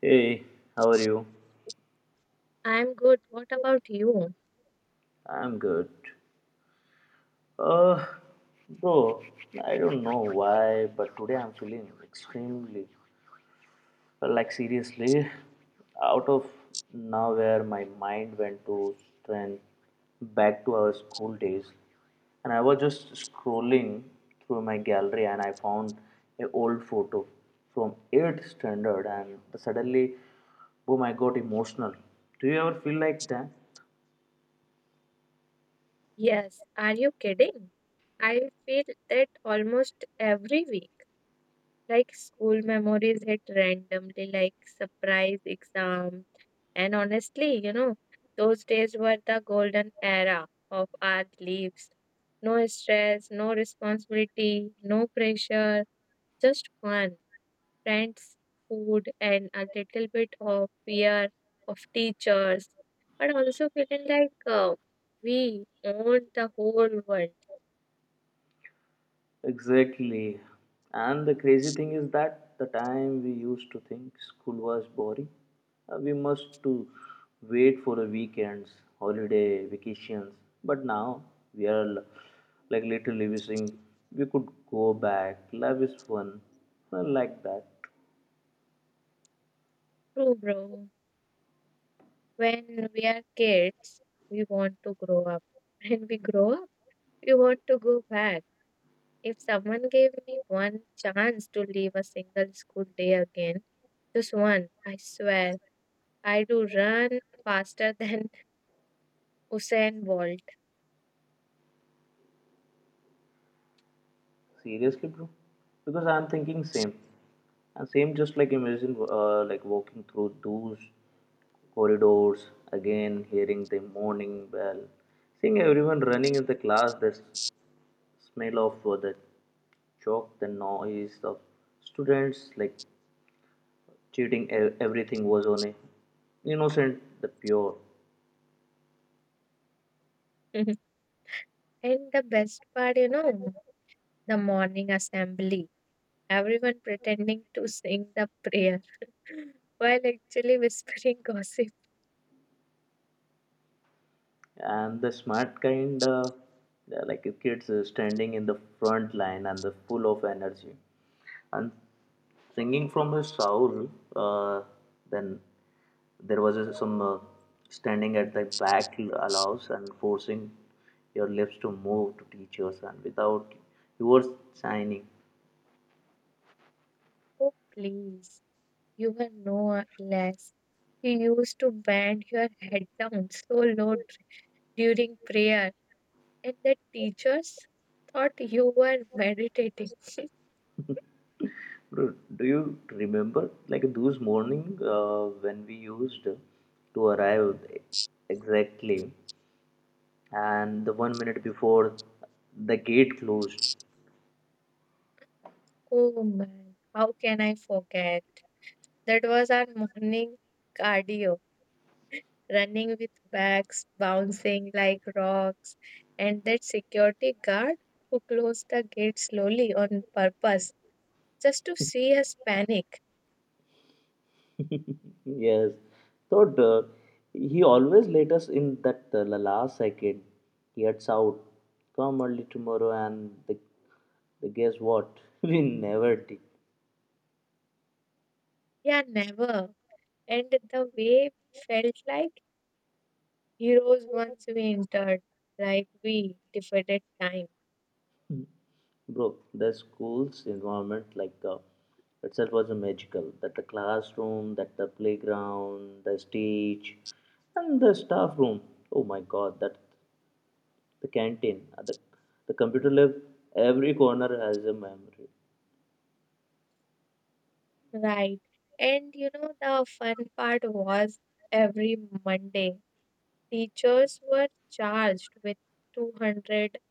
Hey, how are you? I'm good. What about you? I'm good. Uh, bro, I don't know why, but today I'm feeling extremely, like seriously, out of nowhere. My mind went to strength back to our school days, and I was just scrolling through my gallery, and I found an old photo from eighth standard, and suddenly, boom! I got emotional. Do you ever feel like that? Yes, are you kidding? I feel that almost every week, like school memories hit randomly, like surprise exam. And honestly, you know, those days were the golden era of our lives. No stress, no responsibility, no pressure, just fun. Friends, food, and a little bit of fear of teachers, but also feeling like we own the whole world. Exactly. And the crazy thing is that the time we used to think school was boring, we must to wait for the weekends, holiday, vacations. But now we are l- like literally wishing we could go back. Life is fun, like that. True, bro. When we are kids, we want to grow up. When we grow up, we want to go back. If someone gave me one chance to leave a single school day again, just one, I swear, I do run faster than Usain Bolt. Seriously, bro? Because I'm thinking same. And same just like imagine like walking through those corridors again, hearing the morning bell, seeing everyone running in the class, smell of the chalk, the noise of students like cheating. Everything was on a innocent, the pure. And the best part, you know, the morning assembly, everyone pretending to sing the prayer while actually whispering gossip. And the smart kind they're like a kids standing in the front line and the full of energy and singing from his soul, uh, then there was a, some standing at the back allows and forcing your lips to move to teachers and without you signing. Oh, please, you were no less. You used to bend your head down so low during prayer, and the teachers thought you were meditating. Bro, do you remember like those morning when we used to arrive exactly and the 1 minute before the gate closed? Oh man, how can I forget? That was our morning cardio. Running with bags bouncing like rocks, and that security guard who closed the gate slowly on purpose just to see us panic. Yes. So he always let us in that last second. He gets out. Come early tomorrow, and the guess what? We never did, Yeah, never. And the way we felt like heroes once we entered, like we defeated time. bro. The school's environment, like itself, was a magical. That the classroom, that the playground, the stage, and the staff room. Oh my God, that the canteen, the computer lab, every corner has a memory. Right. And you know, the fun part was, every Monday, teachers were charged with 200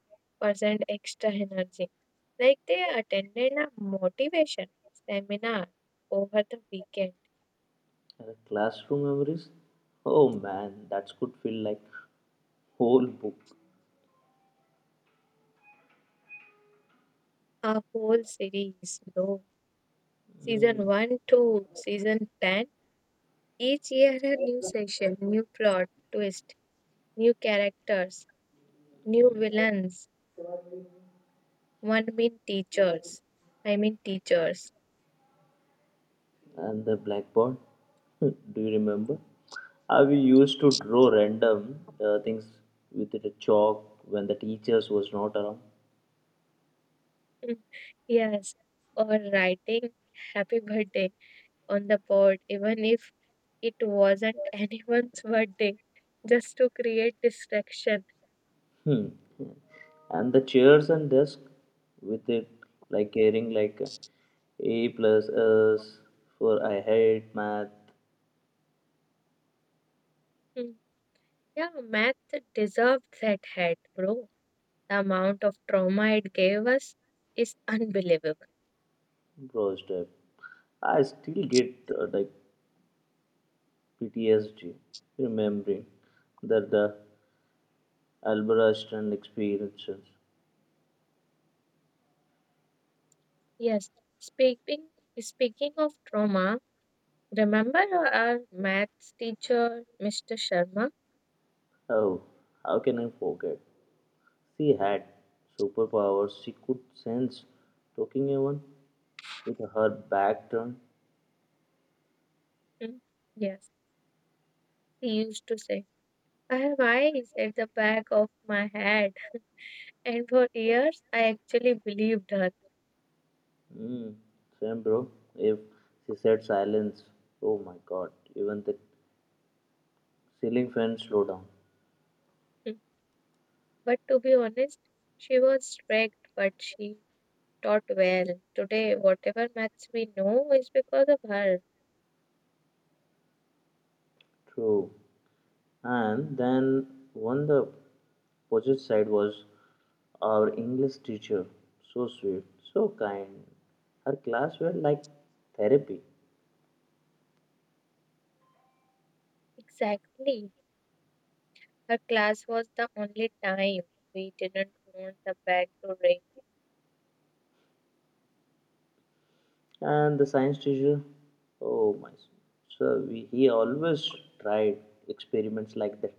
Percent extra energy. Like they attended a motivation seminar over the weekend. And the classroom memories, oh man, that could feel like whole book. A whole series, bro. Season Mm. 1 to season 10, each year a new session, new plot, twist, new characters, new villains, one mean teachers. I mean teachers. And the blackboard, do you remember? How we used to draw random things with the chalk when the teachers was not around. Yes, or writing happy birthday on the board, even if it wasn't anyone's birthday, just to create distraction. Hmm. hmm. And the chairs and desk with it like carrying like A plus S for I hate math. Hmm. Yeah, math deserved that hat, bro. The amount of trauma it gave us is unbelievable. Bro, step. I still get like PTSD remembering that the Albert Einstein experiences. Yes, speaking speaking of trauma, remember our maths teacher, Mr. Sharma? Oh, how can I forget? She had superpowers. She could sense talking even with her back turned. Hmm. Yes, he used to say, "I have eyes at the back of my head," and for years I actually believed her. Mm, same, bro. If she said silence, oh my God, even the ceiling fan slowed down. Hmm. But to be honest, she was strict, but she taught well. Today, whatever maths we know is because of her. True. And then on the opposite side was our English teacher. So sweet, so kind. Her class were like therapy. Exactly. Her class was the only time we didn't want the bell to And the science teacher, oh my, so we, he always tried experiments like that.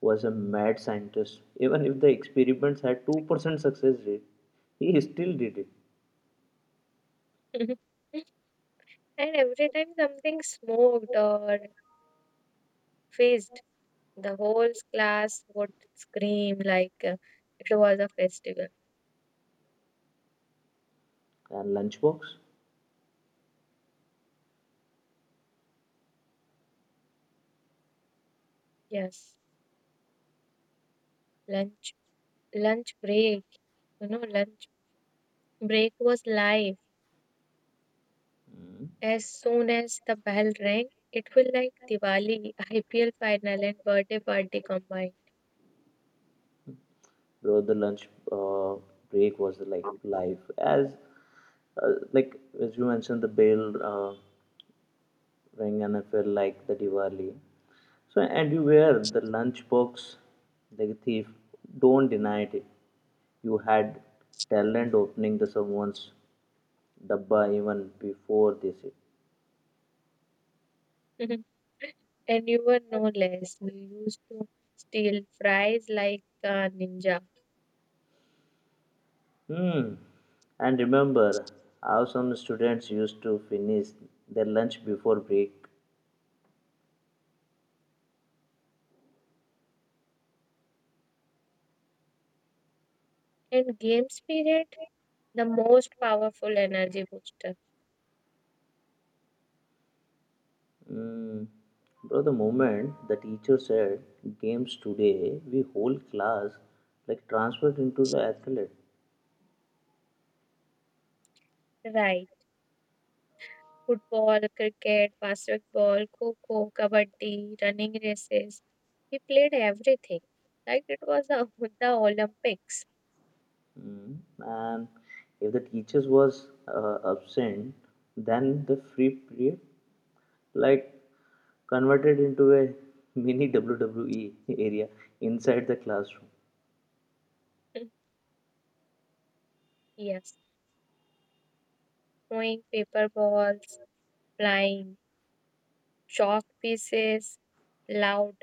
Was a mad scientist. Even if the experiments had 2% success rate, he still did it. ring. And every time something smoked or fizzed, the whole class would scream like it was a festival. And lunchbox. Yes, lunch, lunch break. You know, lunch break was life. As soon as the bell rang, it was like Diwali, IPL final, and birthday party combined. Bro, the lunch uh, break was like life, as like as you mentioned, the bell uh, rang and I felt like the Diwali. So and you were the lunchbox like a thief, don't deny it, you had talent opening the someone's dabba even before this. And you were no less. You used to steal fries like a ninja. Hmm. And remember how some students used to finish their lunch before break. And game spirit, the most powerful energy booster. Mm, bro, the moment the teacher said games today, we whole class like transferred into the athlete. Right. Football, cricket, basketball, kho-kho, kabaddi, running races. We played everything. Like it was the Olympics. Mm, and if the teachers was absent, then the free period like converted into a mini WWE area inside the classroom. Yes. Throwing paper balls, flying chalk pieces, loud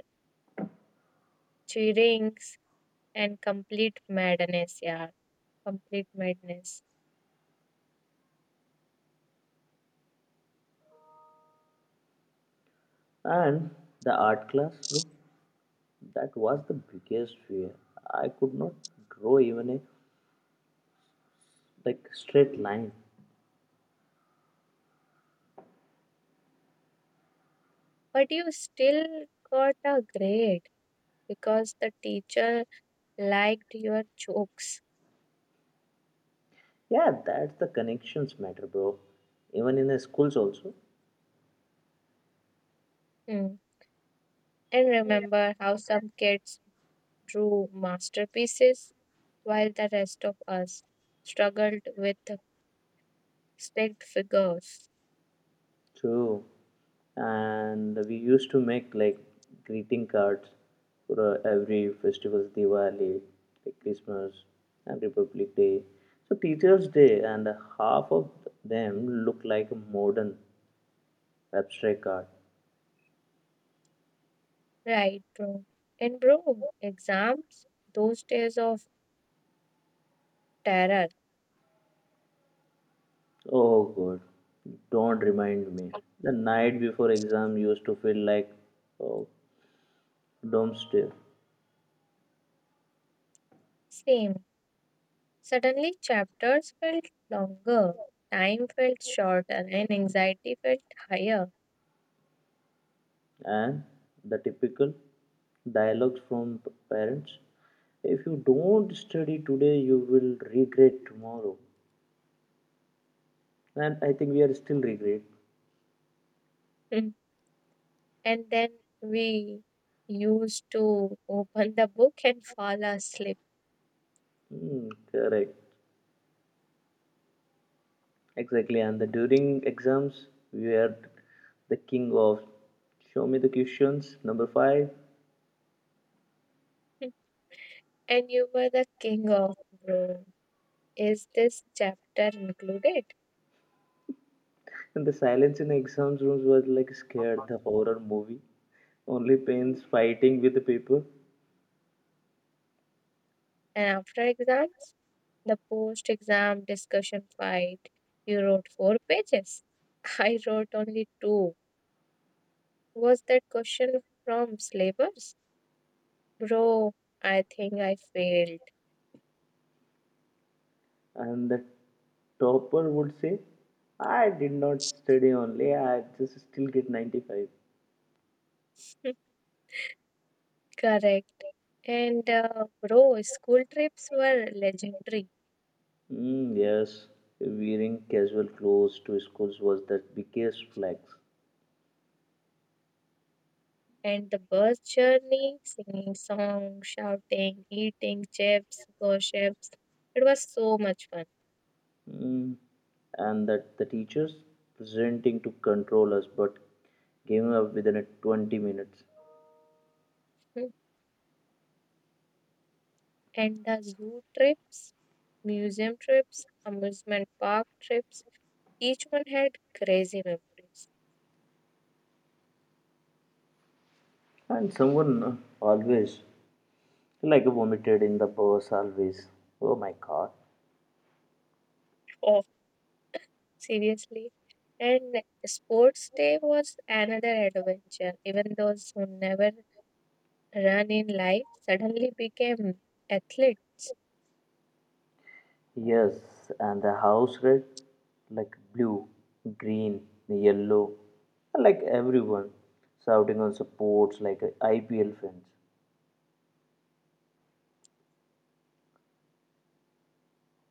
cheerings, and complete madness, yeah, complete madness. And the art class, bro, that was the biggest fear. I could not draw even a like straight line. But you still got a grade because the teacher liked your jokes. Yeah, that's the connections matter, bro. Even in the schools also. Hmm. And remember how some kids drew masterpieces while the rest of us struggled with stick figures. True. And we used to make like greeting cards for every festivals, Diwali, like Christmas, and Republic Day. So Teachers' Day, and half of them look like a modern abstract art. Right, bro. And bro, exams, those days of terror. Oh God, don't remind me. The night before exam used to feel like oh, doomsday. Same. Suddenly, chapters felt longer, time felt shorter, and anxiety felt higher. And the typical dialogues from parents, if you don't study today you will regret tomorrow, and I think we are still regret. Mm. And then we used to open the book and fall asleep. Hmm, correct exactly, and the during exams we are the king of show me the questions number five. Mm. And you were the king of, bro. Is this chapter included? And the silence in exams rooms was like scared the horror movie, only pens fighting with the paper. And after exams, the post exam discussion fight. You wrote 4 pages. I wrote only two. Was that question from slavers? Bro, I think I failed. And the topper would say, I did not study only, I just still get 95. Correct. And bro, school trips were legendary. Mm, yes, wearing casual clothes to schools was the biggest flex. And the bus journey, singing songs, shouting, eating chips, gossips. It was so much fun. Mm, and that the teachers presenting to control us but giving up within a 20 minutes. Hmm. And the zoo trips, museum trips, amusement park trips, each one had crazy memories. And someone always, like vomited in the bus always. Oh my God. Oh, seriously. And sports day was another adventure. Even those who never run in life suddenly became athlete. Yes, and the house red, like blue, green, yellow, like everyone shouting on supports like a IPL fans.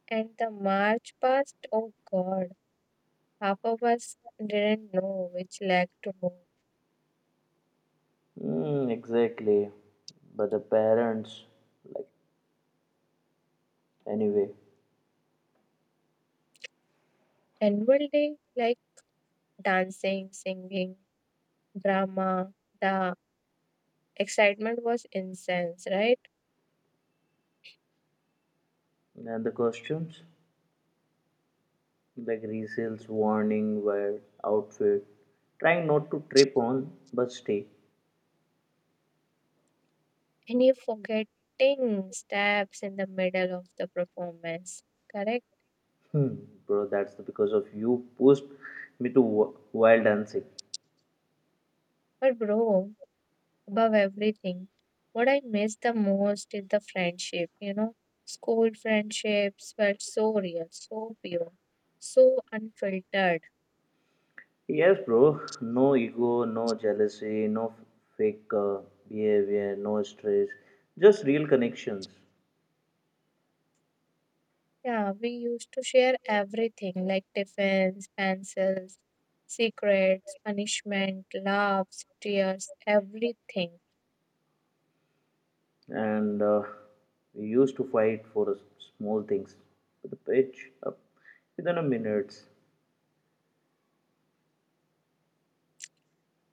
And the march past, oh god, half of us didn't know which leg to move. Mm, exactly, but the parents, like anyway, Annual day, like dancing, singing, drama, the excitement was intense, right? and the costumes, like resales warning, wear outfit, trying not to trip on but stay. And you forgetting steps in the middle of the performance, correct. Hmm, bro, that's because of you pushed me to wild dancing. But bro, above everything, what I miss the most is the friendship. You know, school friendships were so real, so pure, so unfiltered. Yes, bro. No ego, no jealousy, no fake behavior, no stress, just real connections. Yeah, we used to share everything like tiffins, pencils, secrets, punishment, laughs, tears, everything. And we used to fight for small things. The pitch up within a minute,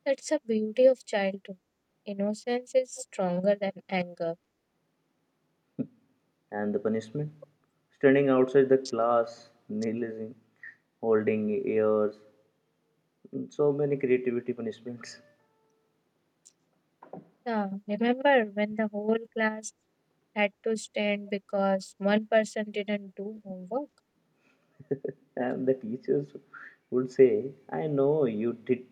That's the beauty of childhood. Innocence is stronger than anger. and the punishment standing outside the class, kneeling, holding ears, so many creativity punishments. Yeah, remember when the whole class had to stand because one person didn't do homework. And the teachers would say, I know you did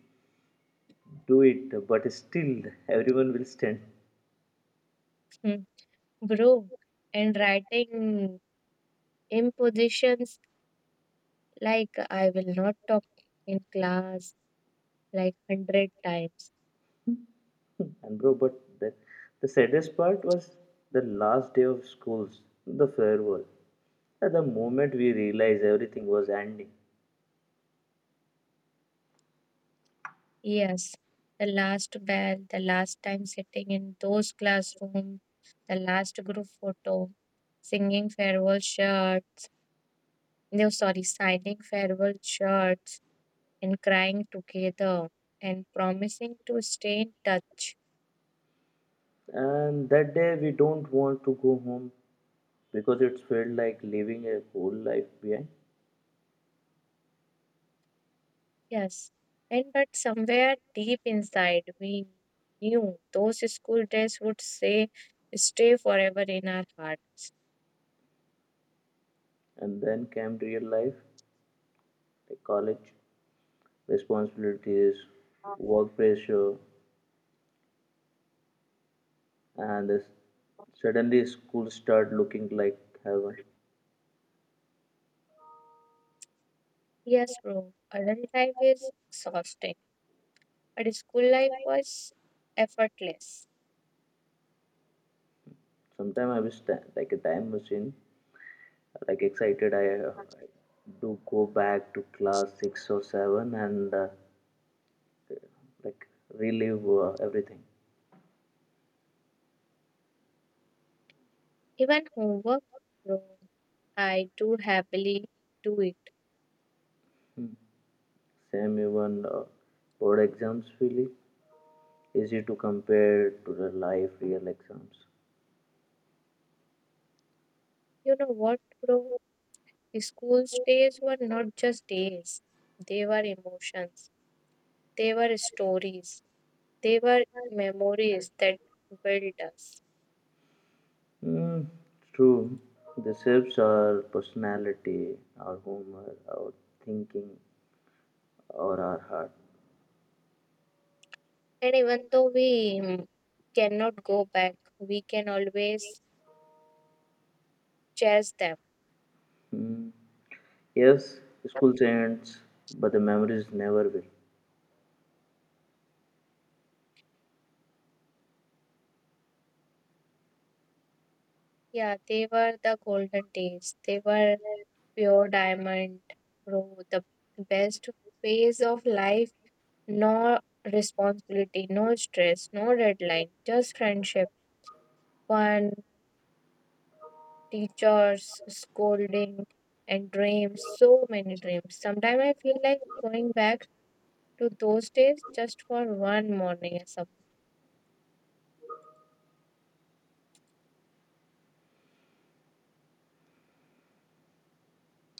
do it, but still everyone will stand. Hmm. Bro, and writing impositions like I will not talk in class like 100 times. And bro, but the saddest part was the last day of schools, the farewell. At the moment we realized everything was ending, Yes, the last bell, the last time sitting in those classroom, the last group photo, singing farewell shirt, no, sorry, signing farewell shirts and crying together and promising to stay in touch. and that day we don't want to go home because it felt like leaving a whole life behind. Yes, and but somewhere deep inside, we knew those school days would say stay forever in our heart. And then came real life, like college, responsibilities, work pressure, and suddenly school start looking like heaven. Yes, bro, adult life is exhausting, but school life was effortless. Sometimes I wish that like a time machine, like excited I do go back to class six or seven and like relive everything. Even homework, bro, I do happily do it. Same even board exams really easy to compare to the live real exams. You know what, bro? School days were not just days, they were emotions, they were stories. They were memories that built us. Mm, true. The shapes our personality, our humor, our thinking, or our heart. And even though we cannot go back, we can always chase them. Hmm. Yes, school ends, but the memories never will. Yeah, they were the golden days. They were pure diamond, bro. The best phase of life. No responsibility, no stress, no deadline, just friendship, fun, teachers, scolding, and dreams. So many dreams. Sometimes I feel like going back to those days just for one morning or something.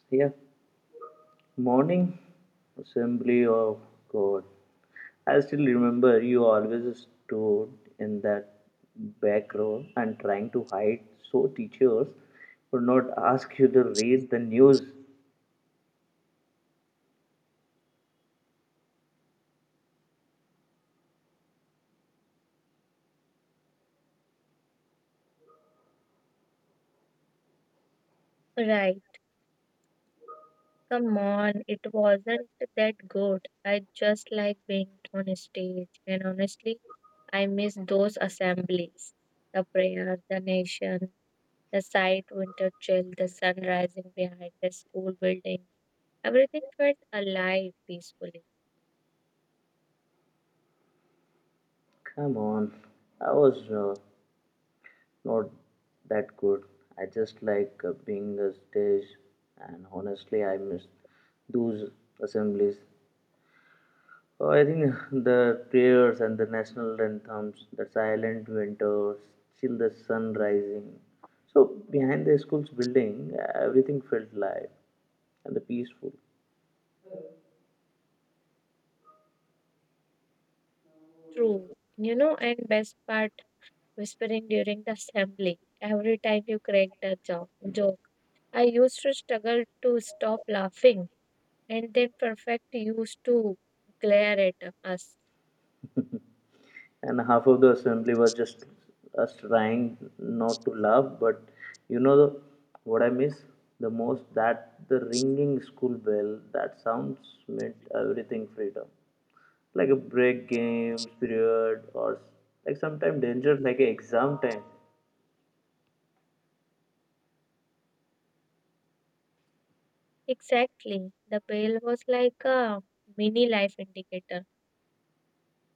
Yeah. Morning Assembly of God. I still remember you always stood in that back row and trying to hide so teachers would not ask you to read the news. Right. Come on, it wasn't that good. I just like being on stage, and honestly, I miss those assemblies. The prayer, the nation, the sight, winter chill, the sun rising behind the school building. Everything felt alive peacefully. Come on, I was not that good. I just like being a stage, and honestly, I miss those assemblies. I think the prayers and the national anthems, the silent winters, till the sun rising. So behind the school's building, everything felt live and the peaceful. True. You know, and best part, whispering during the assembly. Every time you cracked a joke, I used to struggle to stop laughing, and then Perfect used to glare at us. And half of the assembly was just us trying not to laugh, but you know what I miss the most? That the ringing school bell, that sounds meant everything freedom. Like a break games period or like sometime danger like a exam time. Exactly. The bell was like a mini life indicator.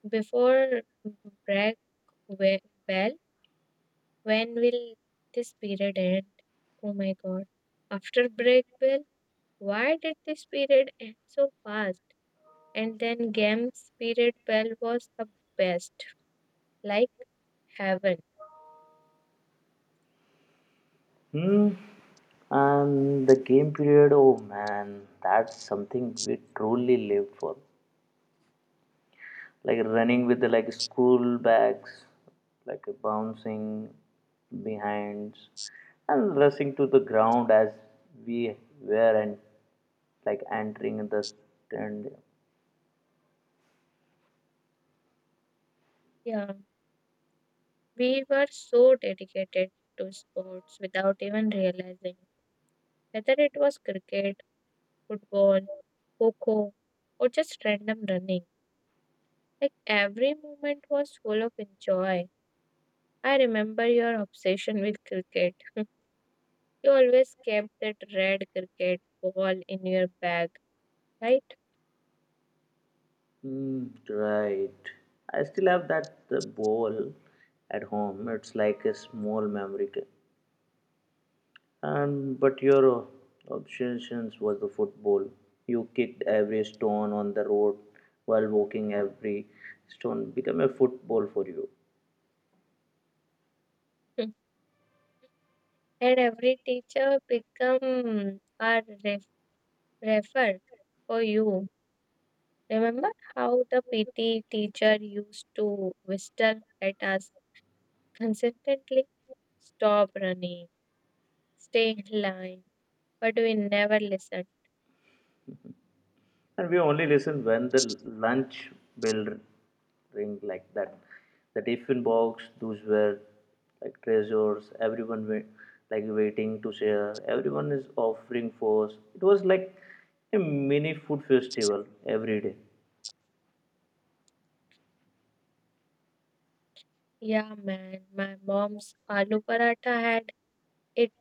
Before break we- bell, when will this period end? Oh my god. After break bell, why did this period end so fast? And then games period bell was the best, like heaven. Hmm. And the game period, oh man, that's something we truly live for. Like running with the like school bags, like bouncing behinds, and rushing to the ground as we were and like entering the stand. Yeah. We were so dedicated to sports without even realizing it. Whether it was cricket, football, kho kho, or just random running. Like every moment was full of joy. I remember your obsession with cricket. You always kept that red cricket ball in your bag, right? Mm, right. I still have that the bowl at home. It's like a small memory and but your obsessions was the football. You kicked every stone on the road while walking every stone became a football for you. And every teacher become a refer for you. Remember how the PT teacher used to whistle at us consistently? Stop running, stay in line, but we never listened. And we only listen when the lunch bell ring like that. The tiffin box, those were like treasures. Everyone were like waiting to share. Everyone is offering for us. It was like a mini food festival every day. Yeah, man, my mom's aloo paratha had its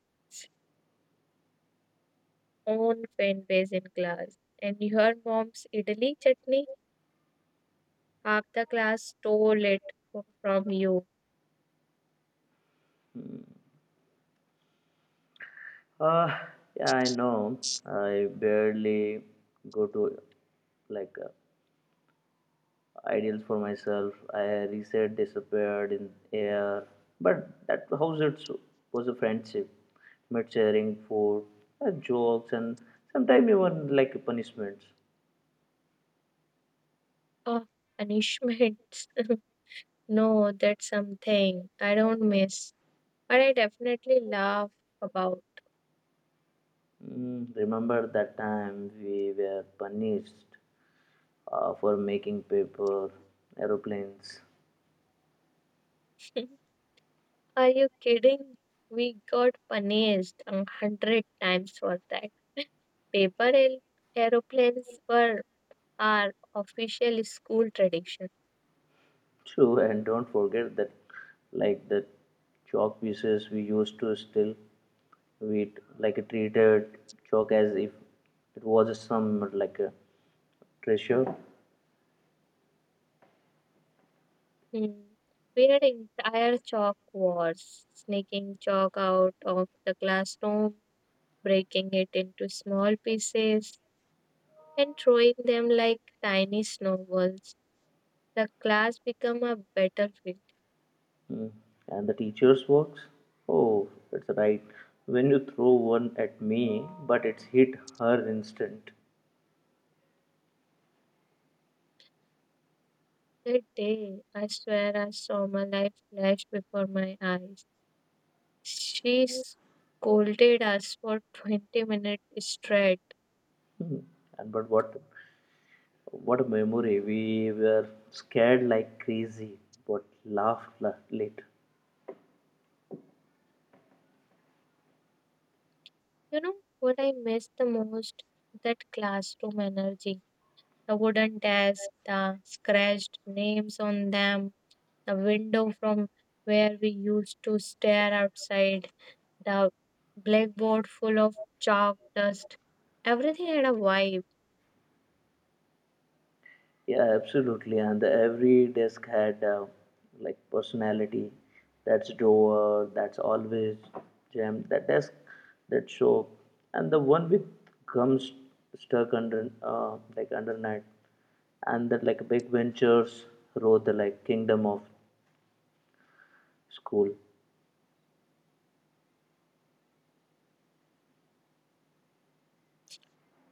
own fan base in class, and your mom's idli chutney, half the class stole it from you. Uh, yeah, I know. I barely go to like ideals for myself. I reset disappeared in air, but that house it so, was a friendship, met sharing food, jokes, and sometimes even like punishments. Oh, punishments. No, that's something I don't miss, but I definitely laugh about. Mm, remember that time we were punished for making paper aeroplanes. Are you kidding? We got punished 100 times for that. Paper aeroplanes were our official school tradition. True, and don't forget that, like the chalk pieces we used to still we like treated chalk as if it was some like a treasure. Hmm. We had entire chalk wars, sneaking chalk out of the classroom, breaking it into small pieces, and throwing them like tiny snowballs. The class became a battlefield. Mm. And the teacher's works. Oh, it's right. When you throw one at me, but it's hit her instant. That day, I swear I saw my life flash before my eyes. She scolded us for 20 minutes straight. Hmm. And but what a memory! We were scared like crazy, but laughed later. You know what I miss the most? That classroom energy. The wooden desks, the scratched names on them, the window from where we used to stare outside, the blackboard full of chalk dust. Everything had a vibe. Yeah, absolutely. And every desk had like personality. That's drawer. That's always jammed. That desk, that show, and the one with gums stuck under like under night, and that like big ventures wrote the like kingdom of school.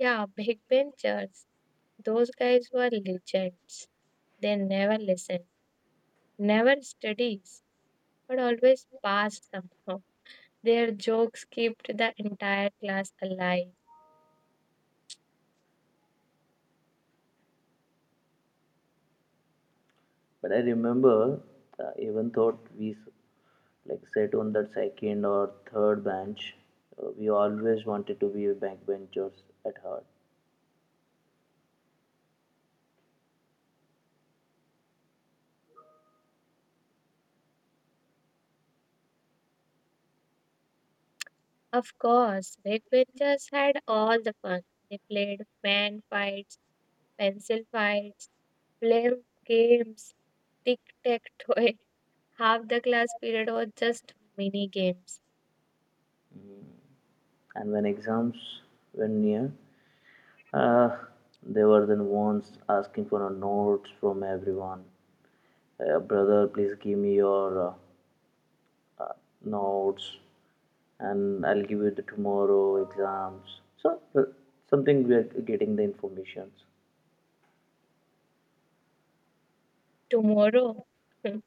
Yeah, big benches. Those guys were legends. They never listen, never studies but always passed somehow. Their jokes kept the entire class alive. But I remember even thought like sat on that second or third bench. We always wanted to be backbenchers at heart. Of course, backbenchers had all the fun. They played fan fights, pencil fights, blame games, tic tac toe. Half the class period was just mini games. And when exams were near, uh, they were then once asking for a notes from everyone. Brother, please give me your notes, and I'll give you the tomorrow exams. So something we are getting the informations, Tomorrow,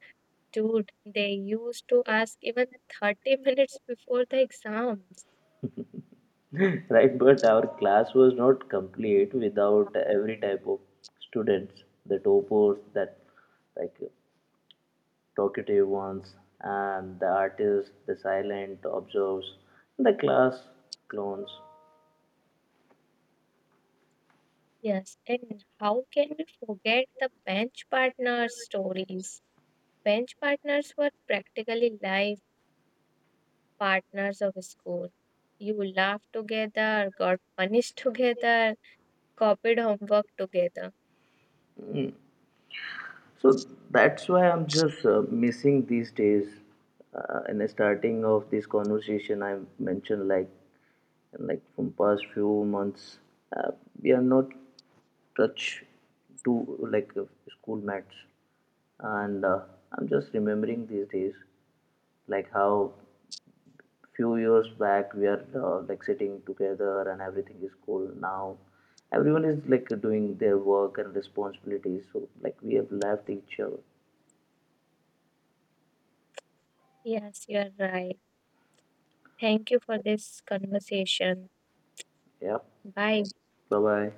dude, they used to ask even 30 minutes before the exams. right? But our class was not complete without every type of students, the toppers, that like talkative ones, and the artist, the silent observes, the class clones. Yes, and how can we forget the bench partner stories? Bench partners were practically life partners of school. You laughed together, got punished together, copied homework together. So that's why I'm just missing these days. In the starting of this conversation, I mentioned like from past few months, uh, we are not touch to like school mates, and I'm just remembering these days like how few years back we are like sitting together and everything is cool now, everyone is like doing their work and responsibilities so like we have left each other. Yes, you are right. Thank you for this conversation. Yeah. Bye. Bye bye.